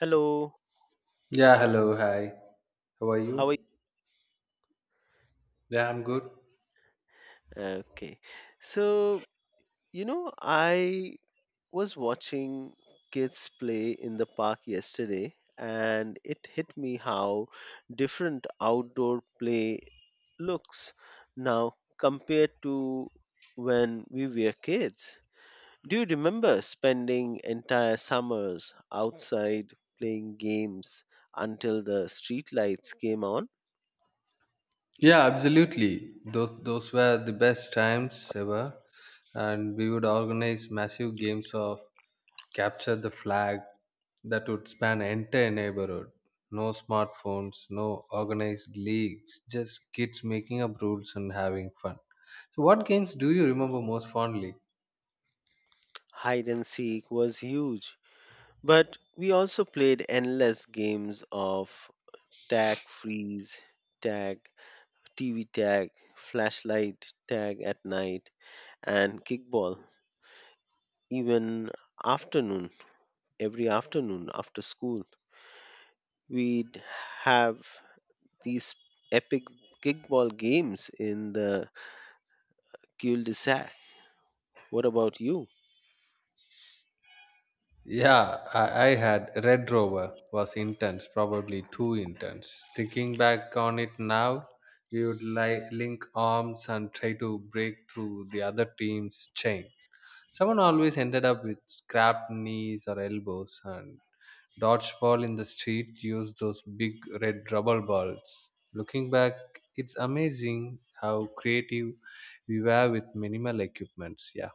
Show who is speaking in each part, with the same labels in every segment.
Speaker 1: Hello,
Speaker 2: Yeah, hello, hi. How are
Speaker 1: how are
Speaker 2: you?
Speaker 1: you?
Speaker 2: Yeah, I'm good.
Speaker 1: Okay. So, I was watching kids play in the park yesterday, and it hit me how different outdoor play looks now compared to when we were kids. Do you remember spending entire summers outside playing games until the streetlights came on?
Speaker 2: Yeah, absolutely. Those were the best times ever, and we would organize massive games of capture the flag that would span entire neighborhood. No smartphones, no organized leagues, just kids making up rules and having fun. So, what games do you remember most fondly?
Speaker 1: Hide and seek was huge. But we also played endless games of tag freeze, tag, TV tag, flashlight tag at night, and kickball. Even afternoon, every afternoon after school, we'd have these epic kickball games in the cul-de-sac. What about you?
Speaker 2: Yeah, I had Red Rover was intense, probably too intense. Thinking back on it now, we would link arms and try to break through the other team's chain. Someone always ended up with scrapped knees or elbows, and dodgeball in the street used those big red rubber balls. Looking back, it's amazing how creative we were with minimal equipments. Yeah.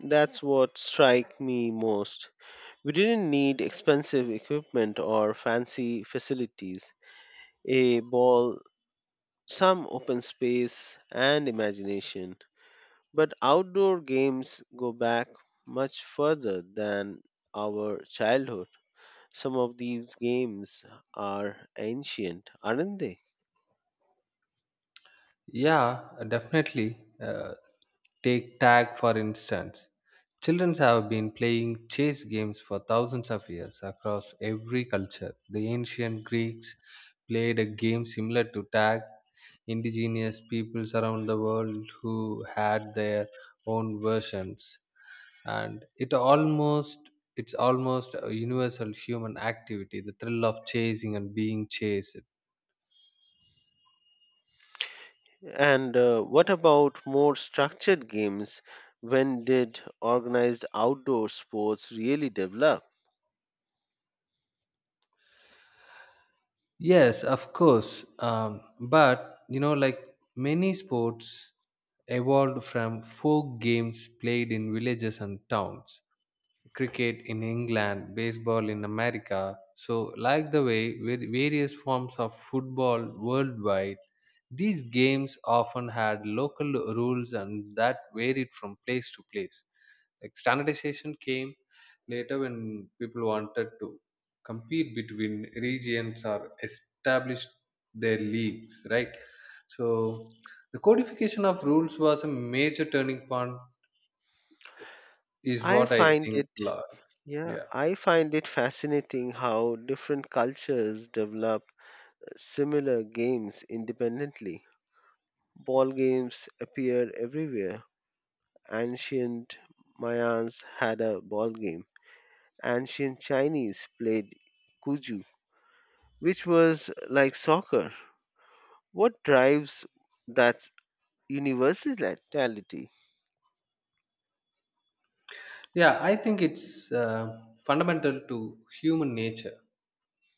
Speaker 1: That's what strike me most. We didn't need expensive equipment or fancy facilities, a ball, some open space and imagination. But outdoor games go back much further than our childhood. Some of these games are ancient, aren't they?
Speaker 2: Yeah, definitely. Take tag for instance. Children have been playing chess games for thousands of years across every culture. The ancient Greeks played a game similar to tag. Indigenous peoples around the world who had their own versions, and it's almost a universal human activity. The thrill of chasing and being chased.
Speaker 1: And what about more structured games? When did organized outdoor sports really develop?
Speaker 2: Yes, of course. But you know, like many sports evolved from folk games played in villages and towns. Cricket in England, baseball in America. So, like the way with various forms of football worldwide, these games often had local rules and that varied from place to place. Like standardization came later when people wanted to compete between regions or establish their leagues, right? So the codification of rules was a major turning point, is
Speaker 1: I
Speaker 2: what I
Speaker 1: find
Speaker 2: think.
Speaker 1: it,
Speaker 2: Lo-
Speaker 1: yeah,
Speaker 2: Yeah,
Speaker 1: I find it fascinating how different cultures develop similar games independently. Ball games appeared everywhere. Ancient Mayans had a ball game. Ancient Chinese played kuju, which was like soccer. What drives that universality?
Speaker 2: yeah, I think it's fundamental to human nature,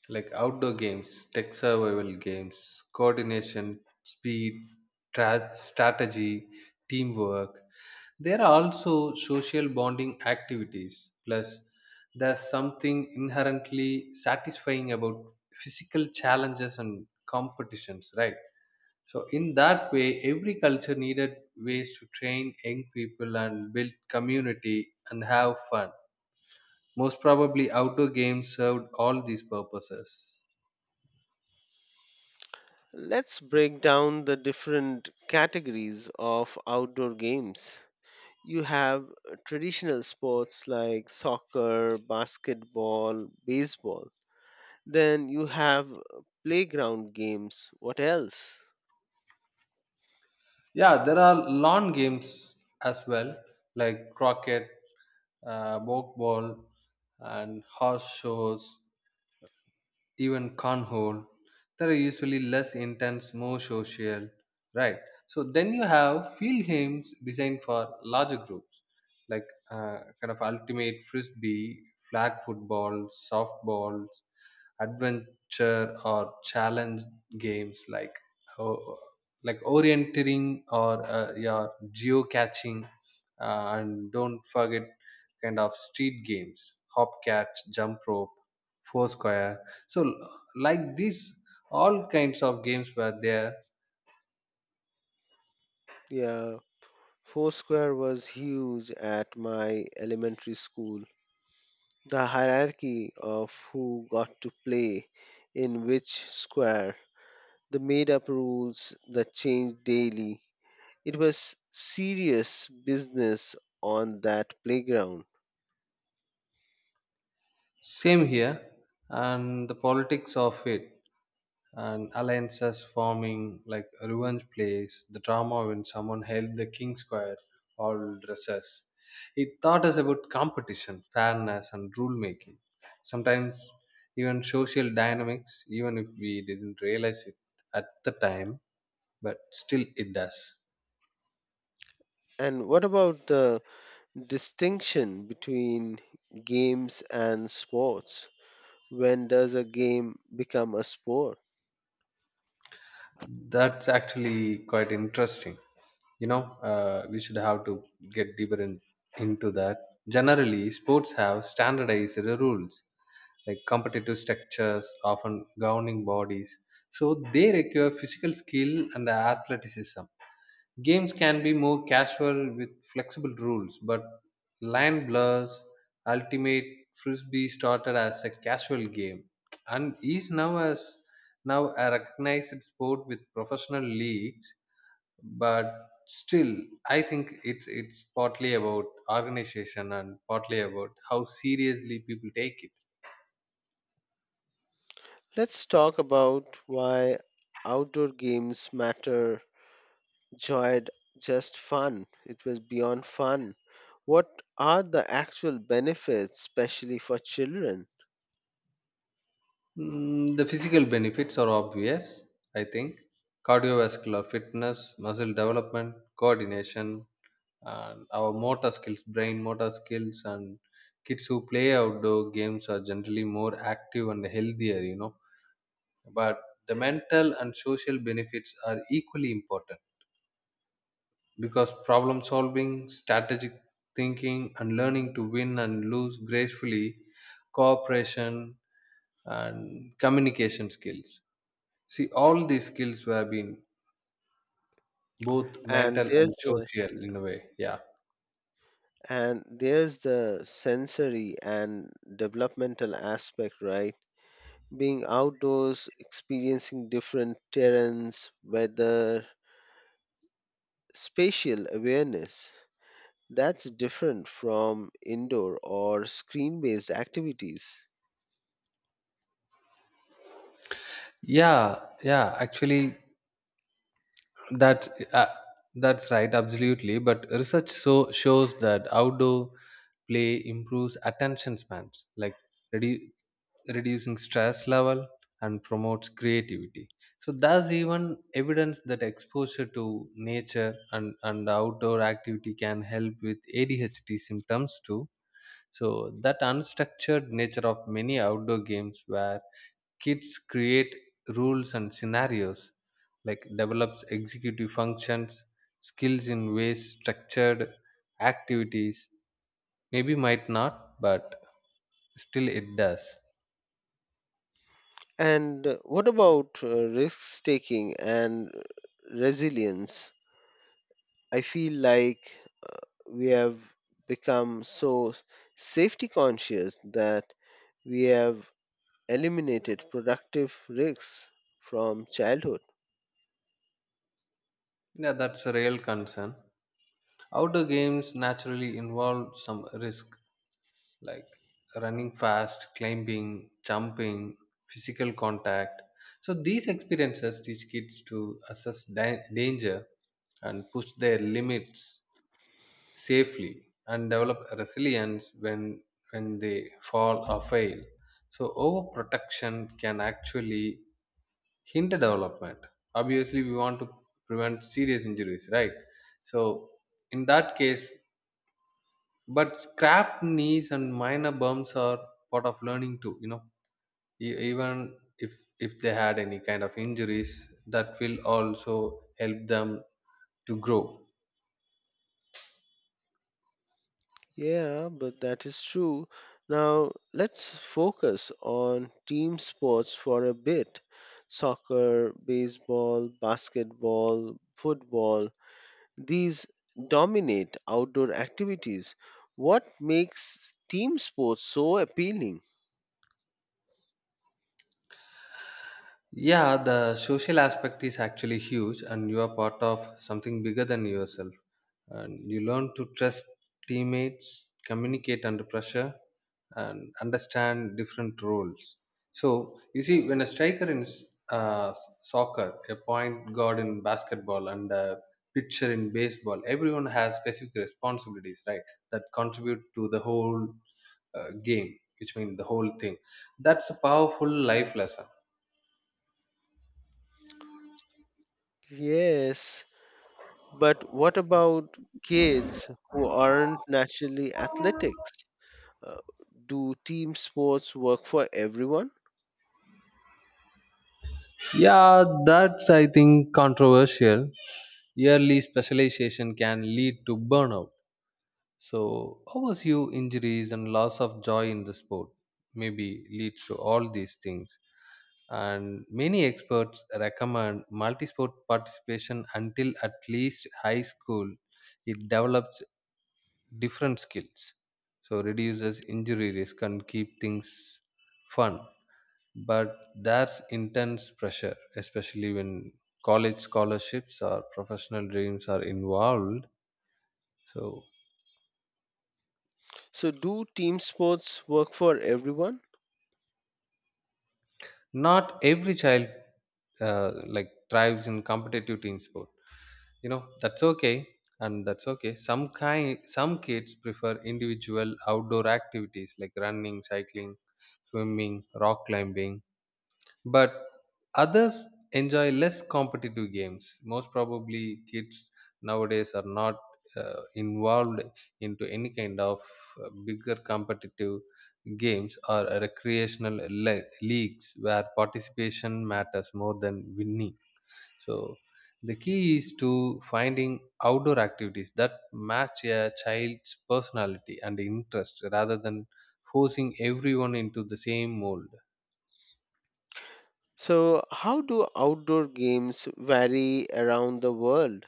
Speaker 2: like outdoor games, tech survival games, coordination, speed, strategy, teamwork. There are also social bonding activities. Plus, there's something inherently satisfying about physical challenges and competitions, right? So, in that way, every culture needed ways to train young people and build community and have fun. Most probably, outdoor games served all these purposes.
Speaker 1: Let's break down the different categories of outdoor games. You have traditional sports like soccer, basketball, baseball. Then you have playground games. What else?
Speaker 2: Yeah, there are lawn games as well, like croquet, ball, and horse shows, even cornhole, that are usually less intense, more social, right? So then you have field games designed for larger groups, like kind of ultimate frisbee, flag football, softballs, adventure or challenge games, like oh, like orienteering or your geo catching, and don't forget kind of street games, hopcatch, jump rope, foursquare. So like this all kinds of games were there.
Speaker 1: Yeah, Foursquare was huge at my elementary school. The hierarchy of who got to play in which square, the made up rules that changed daily. It was serious business on that playground.
Speaker 2: Same here, and the politics of it and alliances forming, like revenge plays, the drama when someone held the king square, all dresses, it taught us about competition, fairness, and rule making, sometimes even social dynamics, even if we didn't realize it at the time, but still it does.
Speaker 1: And what about the distinction between games and sports? When does a game become a sport?
Speaker 2: That's actually quite interesting. You know, we should have to get deeper in, into that. Generally, sports have standardized rules, like competitive structures, often governing bodies. So they require physical skill and athleticism. Games can be more casual with flexible rules, but Line Blurs Ultimate Frisbee started as a casual game and is now a recognized sport with professional leagues, but still I think it's partly about organization and partly about how seriously people take it.
Speaker 1: Let's talk about why outdoor games matter, joyed just fun. It was beyond fun. What are the actual benefits, especially for children?
Speaker 2: Mm, the physical benefits are obvious, I think. Cardiovascular fitness, muscle development, coordination, and our motor skills brain motor skills, and kids who play outdoor games are generally more active and healthier, you know. But the mental and social benefits are equally important, because problem solving, strategic thinking, and learning to win and lose gracefully, cooperation and communication skills, see all these skills have been both
Speaker 1: And
Speaker 2: mental
Speaker 1: there's
Speaker 2: and
Speaker 1: the
Speaker 2: social in a way,
Speaker 1: and there's the sensory and developmental aspect, right? Being outdoors, experiencing different terrains, weather, spatial awareness. That's different from indoor or screen based activities.
Speaker 2: yeah yeah, actually that's that's right, absolutely. But research so shows that outdoor play improves attention spans, like redu- reducing stress level and promotes creativity. So there's even evidence that exposure to nature and outdoor activity can help with ADHD symptoms too. So that unstructured nature of many outdoor games, where kids create rules and scenarios, like develops executive functions skills in ways structured activities maybe might not, but still it does.
Speaker 1: And what about risk taking and resilience? I feel like we have become so safety conscious that we have eliminated productive risks from childhood.
Speaker 2: Yeah, that's a real concern. Outdoor games naturally involve some risk, like running fast, climbing, jumping, physical contact. So these experiences teach kids to assess danger and push their limits safely and develop resilience when they fall or fail. So overprotection can actually hinder development. Obviously we want to prevent serious injuries, right? So in that case. But scrap knees and minor bumps are part of learning too, you know. Even if they had any kind of injuries, that will also help them to grow.
Speaker 1: Yeah, but that is true. Now let's focus on team sports for a bit, soccer, baseball, basketball, football. These dominate outdoor activities. What makes team sports so appealing?
Speaker 2: Yeah, the social aspect is actually huge, and you are part of something bigger than yourself. And you learn to trust teammates, communicate under pressure, and understand different roles. So, you see, when a striker in soccer, a point guard in basketball, and a pitcher in baseball, everyone has specific responsibilities, right, that contribute to the whole game, which means the whole thing. That's a powerful life lesson.
Speaker 1: Yes, but what about kids who aren't naturally athletics? Uh, do team sports work for everyone?
Speaker 2: Yeah, that's I think controversial. Yearly specialization can lead to burnout. So, overuse injuries and loss of joy in the sport maybe leads to all these things. And many experts recommend multisport participation until at least high school. It develops different skills, so reduces injury risk and keep things fun. But there's intense pressure, especially when college scholarships or professional dreams are involved. So
Speaker 1: So, do team sports work for everyone?
Speaker 2: not every child like thrives in competitive team sport, you know. That's okay. Some kids prefer individual outdoor activities like running, cycling, swimming, rock climbing, but others enjoy less competitive games. Most probably kids nowadays are not involved into any kind of bigger competitive games or recreational leagues where participation matters more than winning. So the key is to finding outdoor activities that match a child's personality and interest rather than forcing everyone into the same mold.
Speaker 1: So, how do outdoor games vary around the world?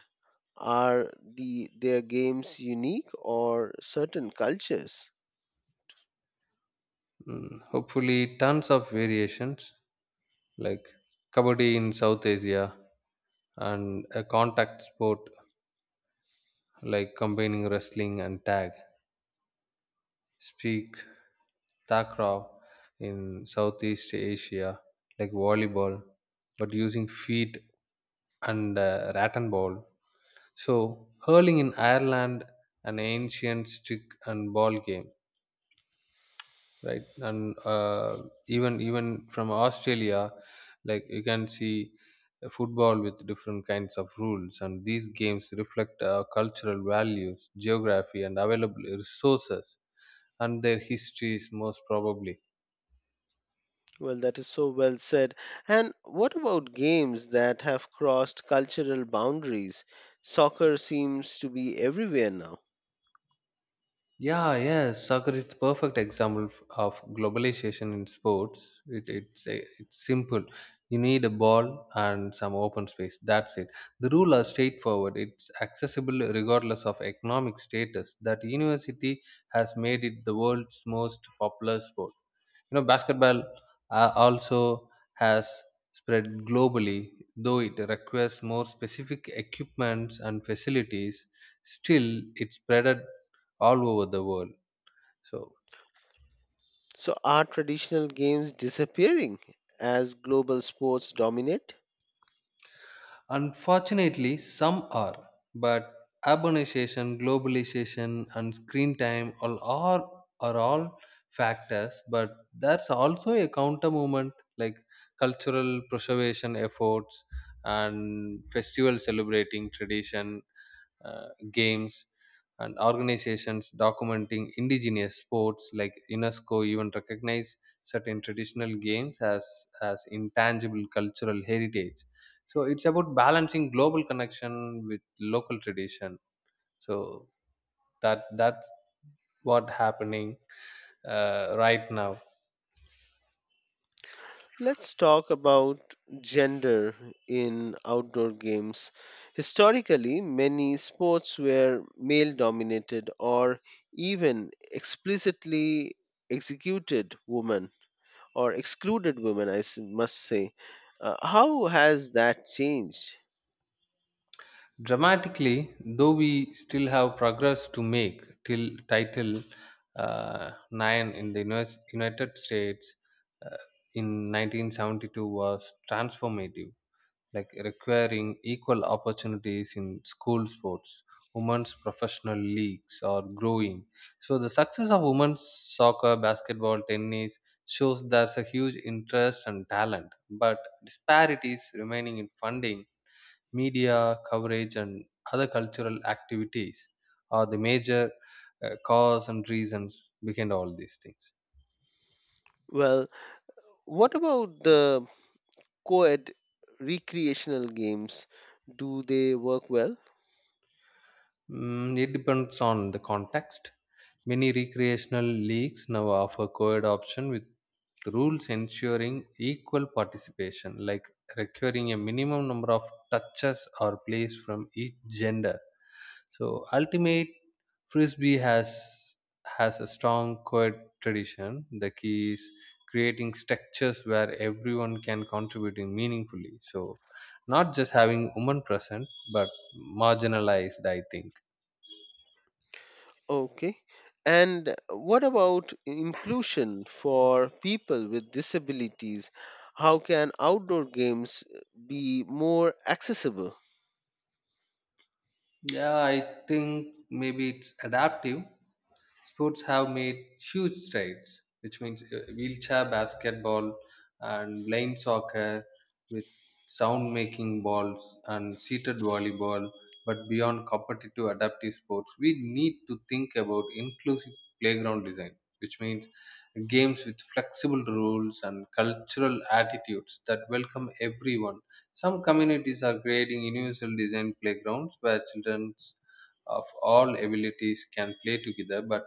Speaker 1: Their games unique or certain cultures?
Speaker 2: Mm, hopefully tons of variations, like kabaddi in South Asia, and a contact sport like combining wrestling and tag. Speak takraw in Southeast Asia, like volleyball but using feet and rat and ball. So hurling in Ireland, an ancient stick and ball game, right. And even from Australia, like you can see football with different kinds of rules. And these games reflect cultural values, geography, and available resources, and their histories, most probably.
Speaker 1: Well, that is so well said. And what about games that have crossed cultural boundaries? Soccer seems to be everywhere now.
Speaker 2: Yeah, yes, soccer is the perfect example of globalization in sports. It's simple. You need a ball and some open space. That's it. The rule are straightforward. It's accessible regardless of economic status. That university has made it the world's most popular sport, you know. Basketball also has spread globally, though it requires more specific equipments and facilities. Still, it's spread all over the world. So,
Speaker 1: So, are traditional games disappearing as global sports dominate?
Speaker 2: unfortunately some are, but urbanization, globalization, and screen time are all factors. But that's also a counter movement, like cultural preservation efforts, and festival celebrating tradition games, and organizations documenting indigenous sports, like UNESCO even recognize certain traditional games as intangible cultural heritage. So it's about balancing global connection with local tradition. So that's what happening right now.
Speaker 1: Let's talk about gender in outdoor games. Historically, many sports were male dominated or even explicitly executed women or excluded women, I must say. How has that changed?
Speaker 2: Dramatically, though we still have progress to make. Till title IX in the united states uh, in 1972 was transformative, like requiring equal opportunities in school sports. Women's professional leagues are growing, so the success of women's soccer, basketball, tennis shows there's a huge interest and talent. But disparities remaining in funding, media coverage, and other cultural activities are the major cause and reasons behind all these things.
Speaker 1: Well, what about the co ed recreational games? Do they work well?
Speaker 2: Mm, it depends on the context. Many recreational leagues now offer co-ed option with rules ensuring equal participation, like requiring a minimum number of touches or plays from each gender. So ultimate frisbee has a strong co-ed tradition. The key is creating structures where everyone can contribute in meaningfully. So not just having women present, but marginalized. I think.
Speaker 1: Okay. And what about inclusion for people with disabilities? How can outdoor games be more accessible?
Speaker 2: Yeah, I think maybe it's adaptive sports have made huge strides, which means wheelchair basketball and blind soccer with sound making balls and seated volleyball. But beyond competitive adaptive sports, we need to think about inclusive playground design, which means games with flexible rules and cultural attitudes that welcome everyone. Some communities are creating universal design playgrounds where children of all abilities can play together. But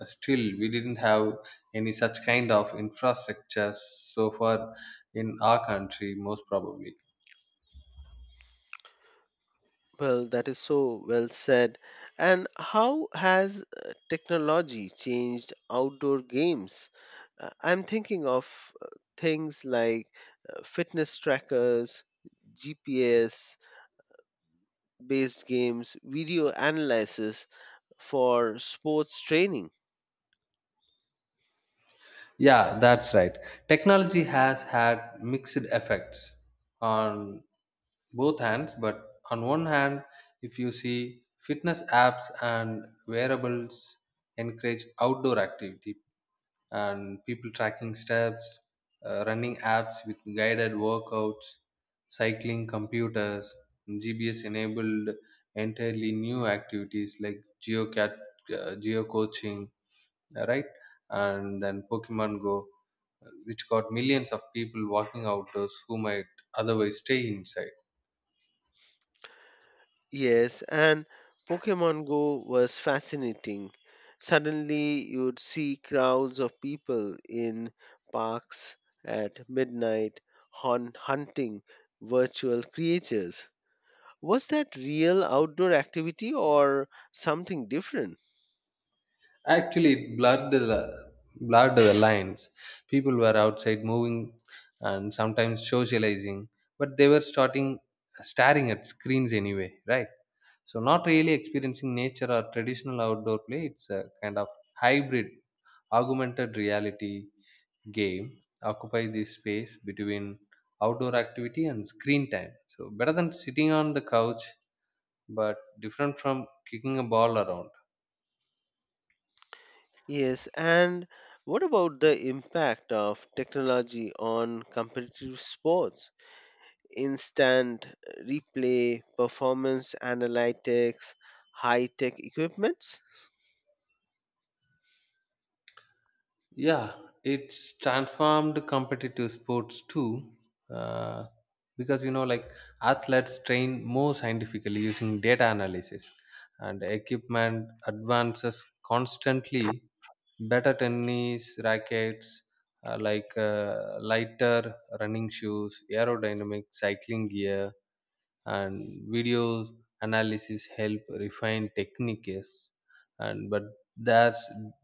Speaker 2: still we didn't have any such kind of infrastructure so far in our country, most probably.
Speaker 1: Well, that is so well said. And how has technology changed outdoor games? I'm thinking of uh, things like fitness trackers, GPS based games, video analysis for sports training.
Speaker 2: Yeah, that's right. Technology has had mixed effects on both hands. But on one hand, if you see fitness apps and wearables encourage outdoor activity, and people tracking steps, running apps with guided workouts, cycling computers, GPS enabled entirely new activities like geocat, geocoaching, right? And then Pokemon Go, which got millions of people walking outdoors who might otherwise stay inside.
Speaker 1: Yes, and Pokemon Go was fascinating. Suddenly, you'd see crowds of people in parks at midnight hunting virtual creatures. Was that real outdoor activity or something different?
Speaker 2: Actually, it blurred the lines people were outside moving and sometimes socializing, but they were starting staring at screens anyway, right? So not really experiencing nature or traditional outdoor play. It's a kind of hybrid augmented reality game, occupy this space between outdoor activity and screen time. So better than sitting on the couch, but different from kicking a ball around.
Speaker 1: Yes, and what about the impact of technology on competitive sports? Instant replay, performance analytics, high tech equipments?
Speaker 2: Yeah, it's transformed competitive sports too, uh, because like, athletes train more scientifically using data analysis, and equipment advances constantly. Better tennis rackets, lighter running shoes, aerodynamic cycling gear, and videos analysis help refine techniques. And but there's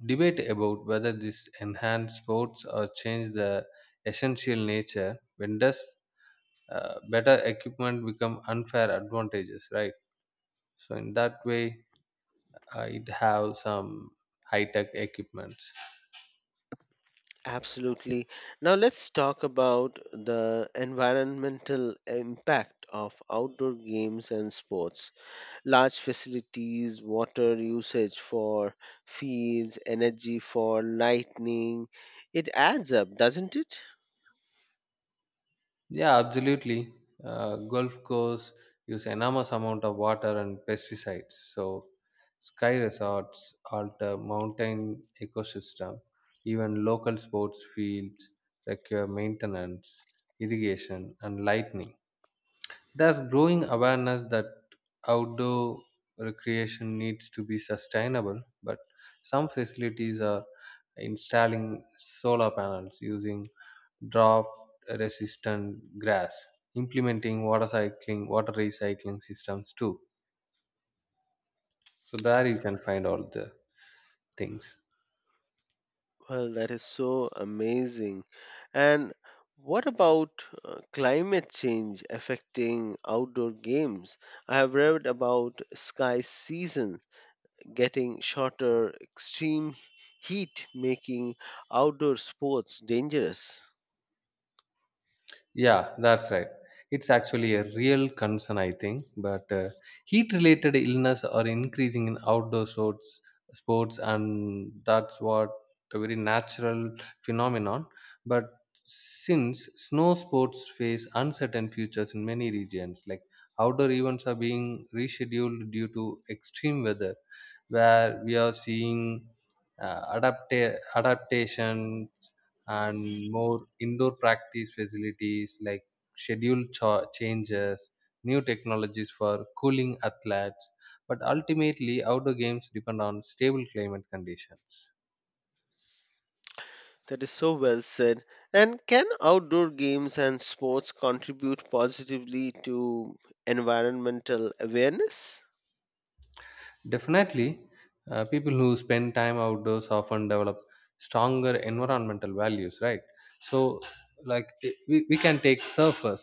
Speaker 2: debate about whether this enhance sports or change the essential nature. When does better equipment become unfair advantages, right? So in that way, it have some high tech equipments.
Speaker 1: Absolutely. Now let's talk about the environmental impact of outdoor games and sports. Large facilities, water usage for fields, energy for lighting. It adds up, doesn't it?
Speaker 2: Yeah, absolutely. Gulf Coast use enormous amount of water and pesticides. So sky resorts alter mountain ecosystem. Even local sports fields require maintenance, irrigation, and lightning. There's growing awareness that outdoor recreation needs to be sustainable, but some facilities are installing solar panels, using drought resistant grass, implementing water cycling, water recycling systems too. So there you can find all the things.
Speaker 1: Well, that is so amazing. And what about climate change affecting outdoor games? I have read about sky seasons getting shorter, extreme heat making outdoor sports dangerous.
Speaker 2: Yeah, that's right. It's actually a real concern, I think. But heat-related illness are increasing in outdoor sports, and that's what a very natural phenomenon. But since snow sports face uncertain futures in many regions, like outdoor events are being rescheduled due to extreme weather, where we are seeing adaptation and more indoor practice facilities, like changes, new technologies for cooling athletes. But ultimately, outdoor games depend on stable climate conditions.
Speaker 1: That is so well said. And can outdoor games and sports contribute positively to environmental awareness?
Speaker 2: Definitely, people who spend time outdoors often develop stronger environmental values, right? So, like we can take surfers,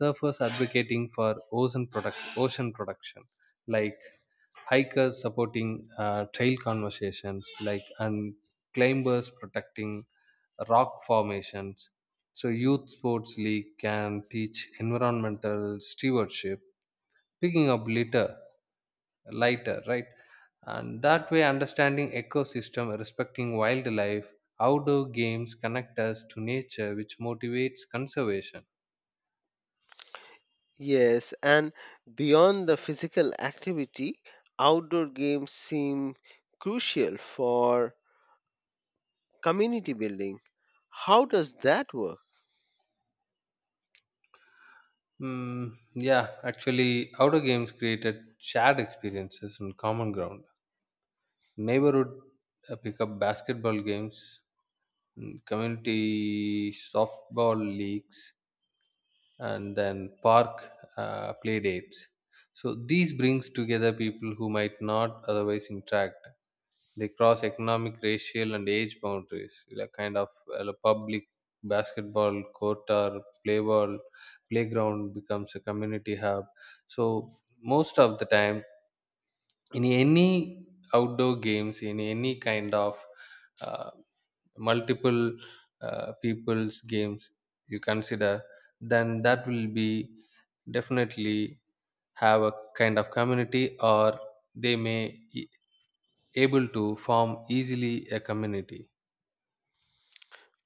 Speaker 2: surfers advocating for ocean production, like hikers supporting trail conversations, like, and climbers protecting rock formations. So youth sports league can teach environmental stewardship, picking up litter lighter, right? And that way understanding ecosystem, respecting wildlife, outdoor games connect us to nature, which motivates conservation.
Speaker 1: Yes, and beyond the physical activity, outdoor games seem crucial for community building. How does that work?
Speaker 2: Yeah, actually, outdoor games created shared experiences and common ground. Neighborhood pickup basketball games, community softball leagues, and then park play dates. So these brings together people who might not otherwise interact. They cross economic, racial, and age boundaries, like kind of a public basketball court or playground becomes a community hub. So most of the time, in any outdoor games, in any kind of uh, multiple people's games you consider, then that will be definitely have a kind of community, or they may e- able to form easily a community.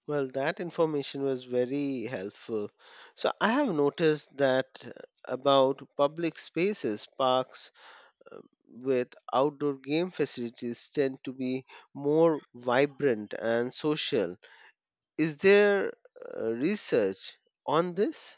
Speaker 1: Well, that information was very helpful. So, I have noticed that about public spaces, parks uh, with outdoor game facilities tend to be more vibrant and social. Is there research on this?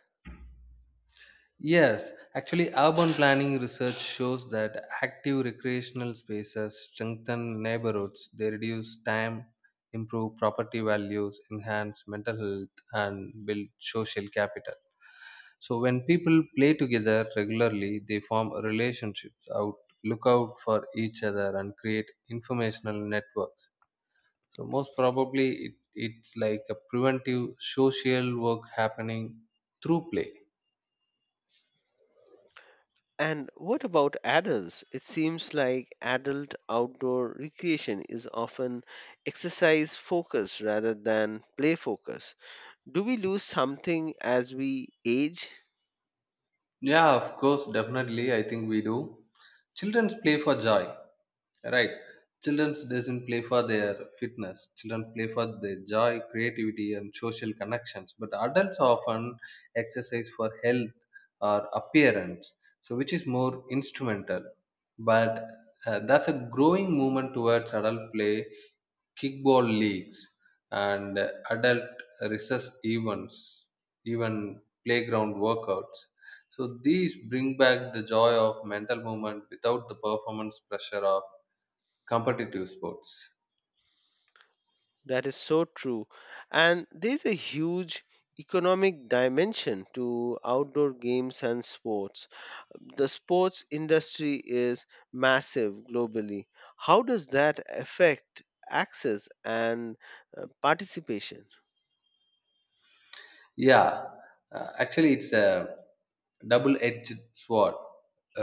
Speaker 2: Yes, actually, urban planning research shows that active recreational spaces strengthen neighborhoods. They reduce time, improve property values, enhance mental health, and build social capital. So, when people play together regularly, they form relationships, out, look out for each other, and create informational networks. So, most probably, it's like a preventive social work happening through play.
Speaker 1: And what about adults? It seems like adult outdoor recreation is often exercise focused rather than play focused. Do we lose something as we age?
Speaker 2: Yeah, of course, definitely. I think we do. Childrens play for joy, right? Children doesn't play for their fitness. Children play for their joy, creativity, and social connections. But adults often exercise for health or appearance, so which is more instrumental. But that's a growing movement towards adult play, kickball leagues, and adult recess events, even playground workouts. So these bring back the joy of mental movement without the performance pressure of competitive sports.
Speaker 1: That is so true. And there's a huge economic dimension to outdoor games and sports. The sports industry is massive globally. How does that affect access and participation?
Speaker 2: Yeah, actually, it's a double-edged sword,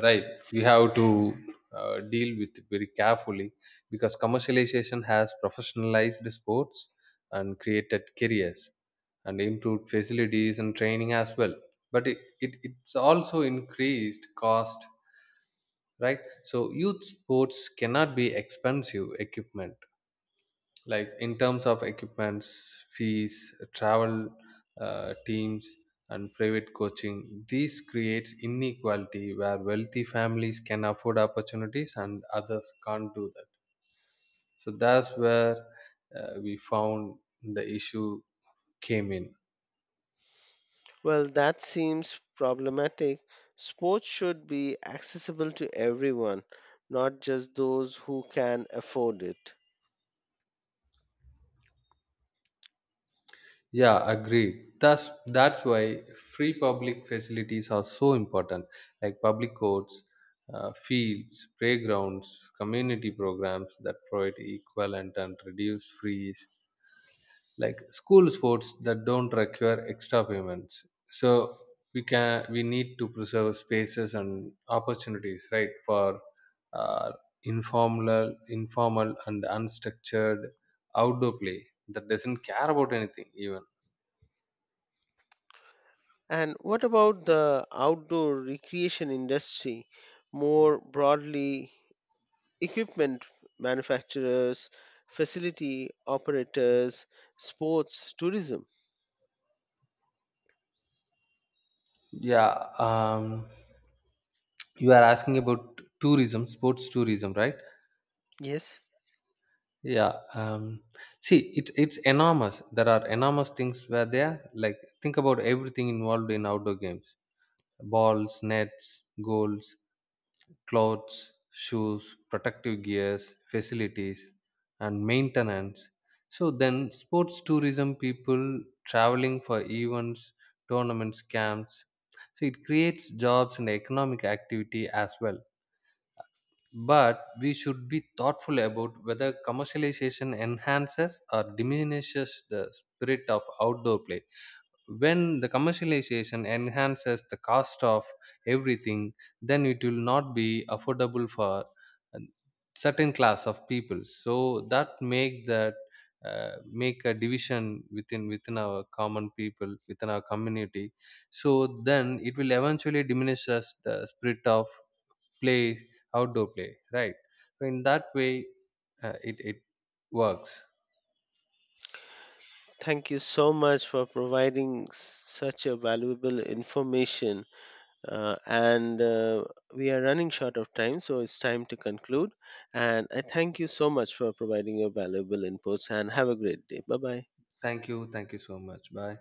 Speaker 2: right? We have to deal with it very carefully because commercialization has professionalized sports and created careers and improved facilities and training as well. But it's also increased cost, right? So youth sports cannot be expensive equipment, like in terms of equipments, fees, travel, teams, and private coaching. This creates inequality where wealthy families can afford opportunities and others can't do that. So that's where we found the issue came in.
Speaker 1: Well, that seems problematic. Sports should be accessible to everyone, not just those who can afford it.
Speaker 2: Yeah, agreed. That's why free public facilities are so important, like public courts, fields, playgrounds, community programs that provide equivalent and reduce fees, like school sports that don't require extra payments. So we need to preserve spaces and opportunities, right, for uh, informal and unstructured outdoor play that doesn't care about anything even.
Speaker 1: And what about the outdoor recreation industry? More broadly, equipment manufacturers, facility operators, sports tourism.
Speaker 2: Yeah, you are asking about tourism, sports tourism, right?
Speaker 1: Yes,
Speaker 2: Yeah. See, it's enormous. There are enormous things where they are, like, think about everything involved in outdoor games: balls, nets, goals, clothes, shoes, protective gears, facilities, and maintenance. So then, sports tourism, people traveling for events, tournaments, camps. So it creates jobs and economic activity as well. But we should be thoughtful about whether commercialization enhances or diminishes the spirit of outdoor play. When the commercialization enhances the cost of everything, then it will not be affordable for a certain class of people, so that make a division within our common people, within our community. So then it will eventually diminish us the spirit of play, outdoor play, right? So in that way, it works.
Speaker 1: thank you so much for providing such a valuable information. And We are running short of time, so it's time to conclude. And I thank you so much for providing your valuable inputs and have a great day. Bye bye.
Speaker 2: Thank you so much. Bye.